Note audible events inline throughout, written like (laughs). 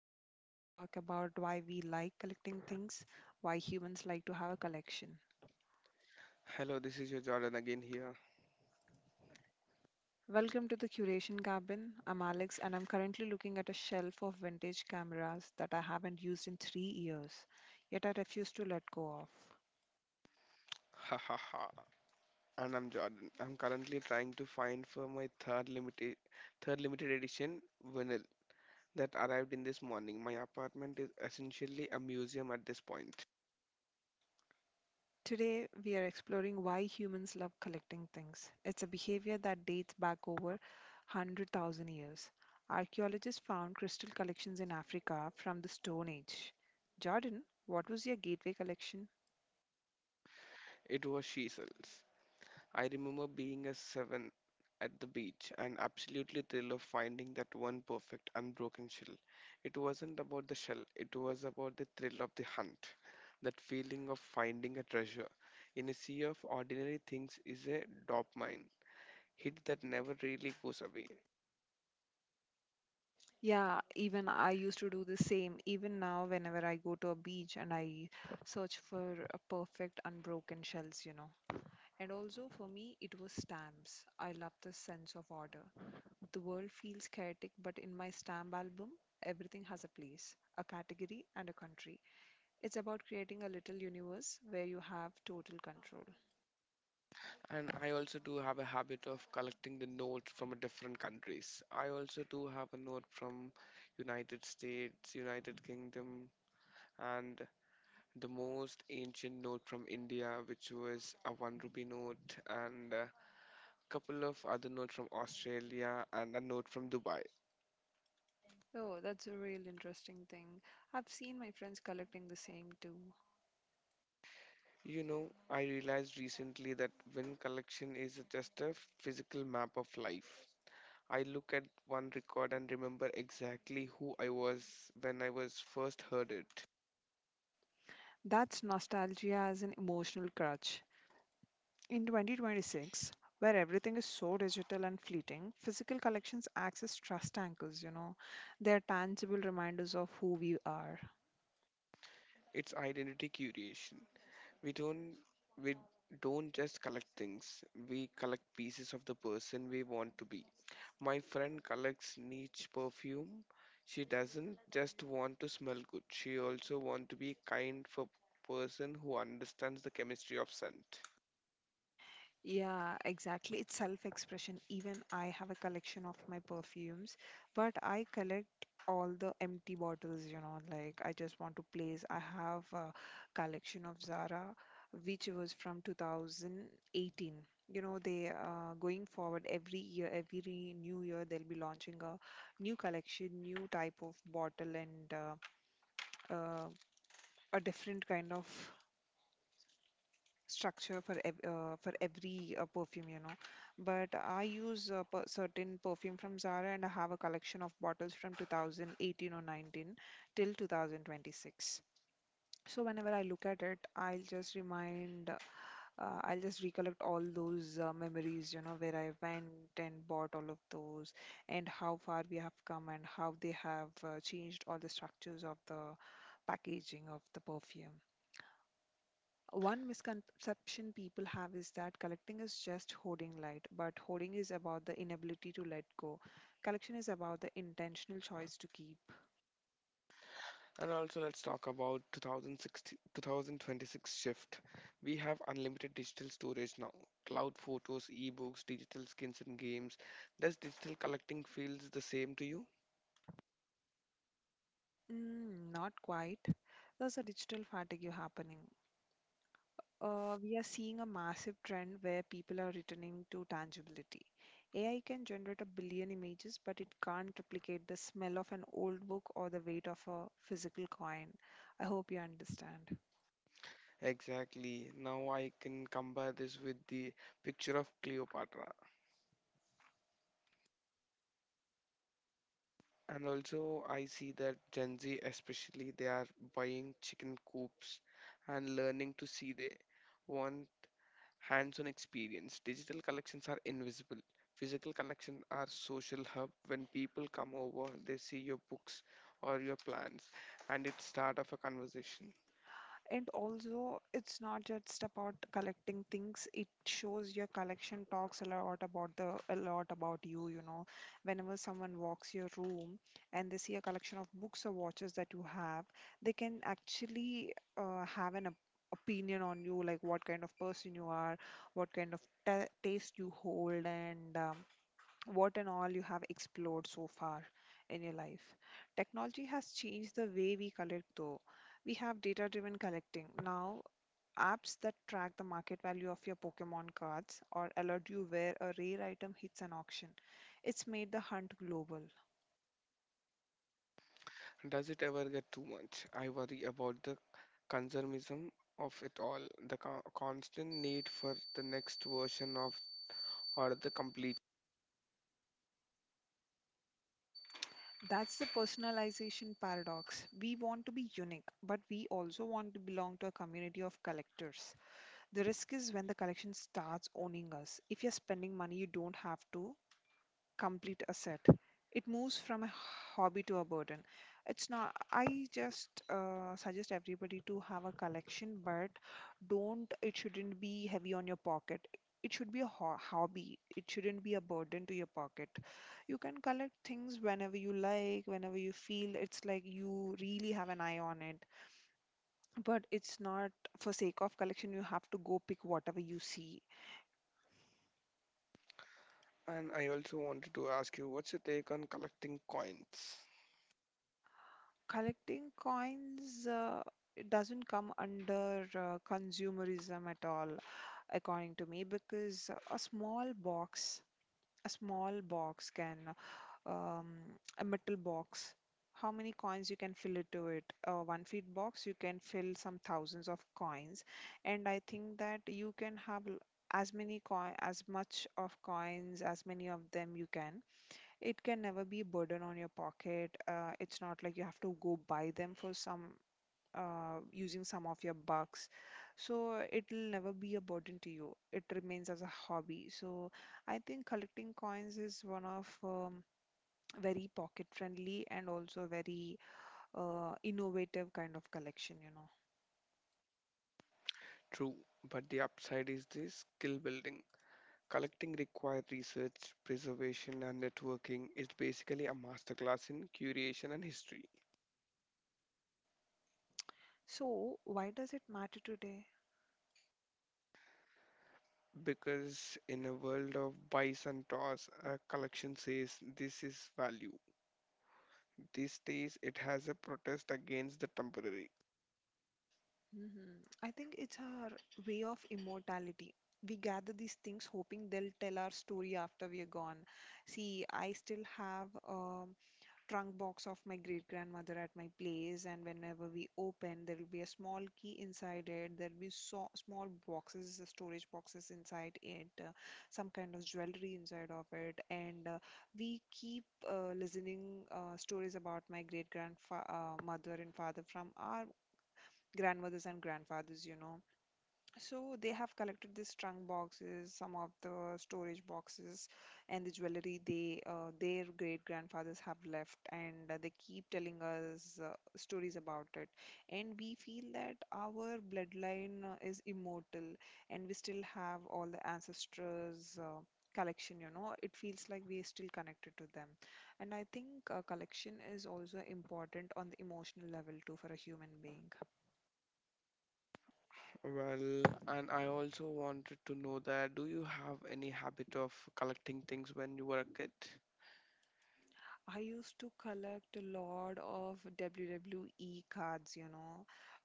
the show where we talk about why we like collecting things, why humans like to have a collection. Hello, this is your Jordan again here. Welcome to the Curation Cabin. I'm Alex, and I'm currently looking at a shelf of vintage cameras that I haven't used in 3 years, yet I refuse to let go of. (laughs) Ha ha ha. And I'm Jordan. I'm currently trying to find for my third limited edition vinyl that arrived in this morning. My apartment is essentially a museum at this point. Today, we are exploring why humans love collecting things. It's a behavior that dates back over 100,000 years. Archaeologists found crystal collections in Africa from the Stone Age. Jordan, what was your gateway collection? It was she sells. I remember being a seven at the beach and absolutely thrilled of finding that one perfect unbroken shell. It wasn't about the shell, it was about the thrill of the hunt. That feeling of finding a treasure in a sea of ordinary things is a dopamine hit that never really goes away. Yeah, even I used to do the same. Even now, whenever I go to a beach and I search for a perfect unbroken shells. And also for me, it was stamps. I love the sense of order. The world feels chaotic, but in my stamp album, everything has a place, a category, and a country. It's about creating a little universe where you have total control. And I also do have a habit of collecting the notes from a different countries. I also do have a note from United States, United Kingdom, and the most ancient note from India, which was a one rupee note, and a couple of other notes from Australia, and a note from Dubai. Oh, that's a real interesting thing. I've seen my friends collecting the same too. You know, I realized recently that when collection is just a physical map of life, I look at one record and remember exactly who I was when I was first heard it. That's nostalgia as an emotional crutch. In 2026, where everything is so digital and fleeting, physical collections acts as trust anchors. They are tangible reminders of who we are. It's identity curation. We don't we don't just collect things. We collect pieces of the person we want to be. My friend collects niche perfume. She doesn't just want to smell good. She also want to be kind for person who understands the chemistry of scent. Yeah, exactly. It's self-expression. Even I have a collection of my perfumes, but I collect all the empty bottles, like I just want to place. I have a collection of Zara, which was from 2018. They going forward every year, every new year, they'll be launching a new collection, new type of bottle, and uh, a different kind of structure for every perfume. But I use a certain perfume from Zara, and I have a collection of bottles from 2018 or 19 till 2026. So whenever I look at it, I'll just recollect all those memories, where I went and bought all of those, and how far we have come and how they have changed all the structures of the packaging of the perfume. One misconception people have is that collecting is just hoarding light, but hoarding is about the inability to let go. Collection is about the intentional choice to keep. And also let's talk about 2016 2026 shift. We have unlimited digital storage now. Cloud photos, ebooks, digital skins and games. Does digital collecting feels the same to you? Mm, not quite. There's a digital fatigue happening. We are seeing a massive trend where people are returning to tangibility. AI can generate a billion images, but it can't replicate the smell of an old book or the weight of a physical coin. I hope you understand. Exactly. Now I can compare this with the picture of Cleopatra. And also, I see that Gen Z, especially, they are buying chicken coops and learning to see they want hands-on experience. Digital collections are invisible. Physical collections are social hub. When people come over, they see your books or your plans, and it start of a conversation. And also, it's not just about collecting things. It shows your collection talks a lot about the a lot about you. Whenever someone walks your room and they see a collection of books or watches that you have, they can actually have an opinion on you, like what kind of person you are, what kind of ta taste you hold, and what and all you have explored so far in your life. Technology has changed the way we collect, though. We have data driven collecting. Now, apps that track the market value of your Pokemon cards or alert you where a rare item hits an auction. It's made the hunt global. Does it ever get too much? I worry about the consumerism of it all, the constant need for the next version of or the complete. That's the personalization paradox. We want to be unique, but we also want to belong to a community of collectors. The risk is when the collection starts owning us. If you're spending money you don't have to, complete asset. It moves from a hobby to a burden. It's not, I just suggest everybody to have a collection, but don't, it shouldn't be heavy on your pocket. It should be a hobby. It shouldn't be a burden to your pocket. You can collect things whenever you like, whenever you feel it's like you really have an eye on it. But it's not for sake of collection, you have to go pick whatever you see. And I also wanted to ask you, what's your take on collecting coins? Collecting coins, it doesn't come under consumerism at all, according to me, because a small box, a small box can um, a metal box. How many coins you can fill it to it? A 1 feet box, you can fill some thousands of coins. And I think that you can have l- as many coin as much of coins as many of them you can. It can never be a burden on your pocket. It's not like you have to go buy them for some using some of your bucks. So it'll never be a burden to you. It remains as a hobby. So I think collecting coins is one of very pocket friendly and also very innovative kind of collection. True, but the upside is the skill building. Collecting required research, preservation, and networking. It's basically a masterclass in curation and history. So why does it matter today? Because in a world of buys and toss, a collection says this is value. These days, it has a protest against the temporary. Mhm. I think it's our way of immortality. We gather these things hoping they'll tell our story after we are gone. See, I still have a trunk box of my great grandmother at my place, and whenever we open, there will be a small key inside it. There'll be so small boxes, storage boxes inside it, some kind of jewelry inside of it, and we keep listening stories about my great grandfather, mother and father from our grandmothers and grandfathers. So they have collected these trunk boxes, some of the storage boxes, and the jewelry they their great grandfathers have left, and they keep telling us stories about it. And we feel that our bloodline is immortal, and we still have all the ancestors. Collection, it feels like we are still connected to them. And I think collection is also important on the emotional level too for a human being. Well, and I also wanted to know that do you have any habit of collecting things when you were a kid? I used to collect a lot of WWE cards.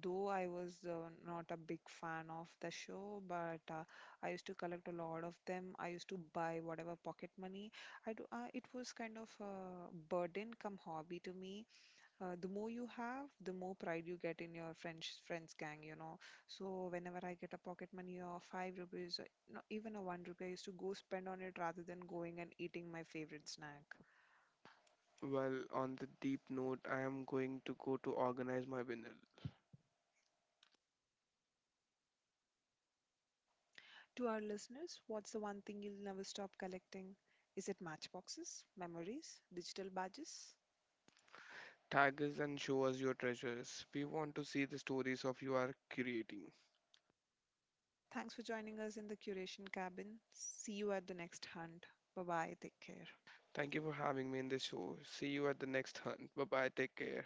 Though I was not a big fan of the show, but I used to collect a lot of them. I used to buy whatever pocket money. I do, it was kind of a burden come hobby to me. The more you have, the more pride you get in your friends gang. So whenever I get a pocket money or 5 rupees, or no, even a 1 rupee, I used to go spend on it rather than going and eating my favorite snack. Well, on the deep note, I am going to go to organize my vinyl. To our listeners, what's the one thing you'll never stop collecting? Is it matchboxes, memories, digital badges? Tag us and show us your treasures. We want to see the stories of you are creating. Thanks for joining us in the Curation Cabin. See you at the next hunt. Bye bye. Take care. Thank you for having me in this show. See you at the next hunt. Bye bye. Take care.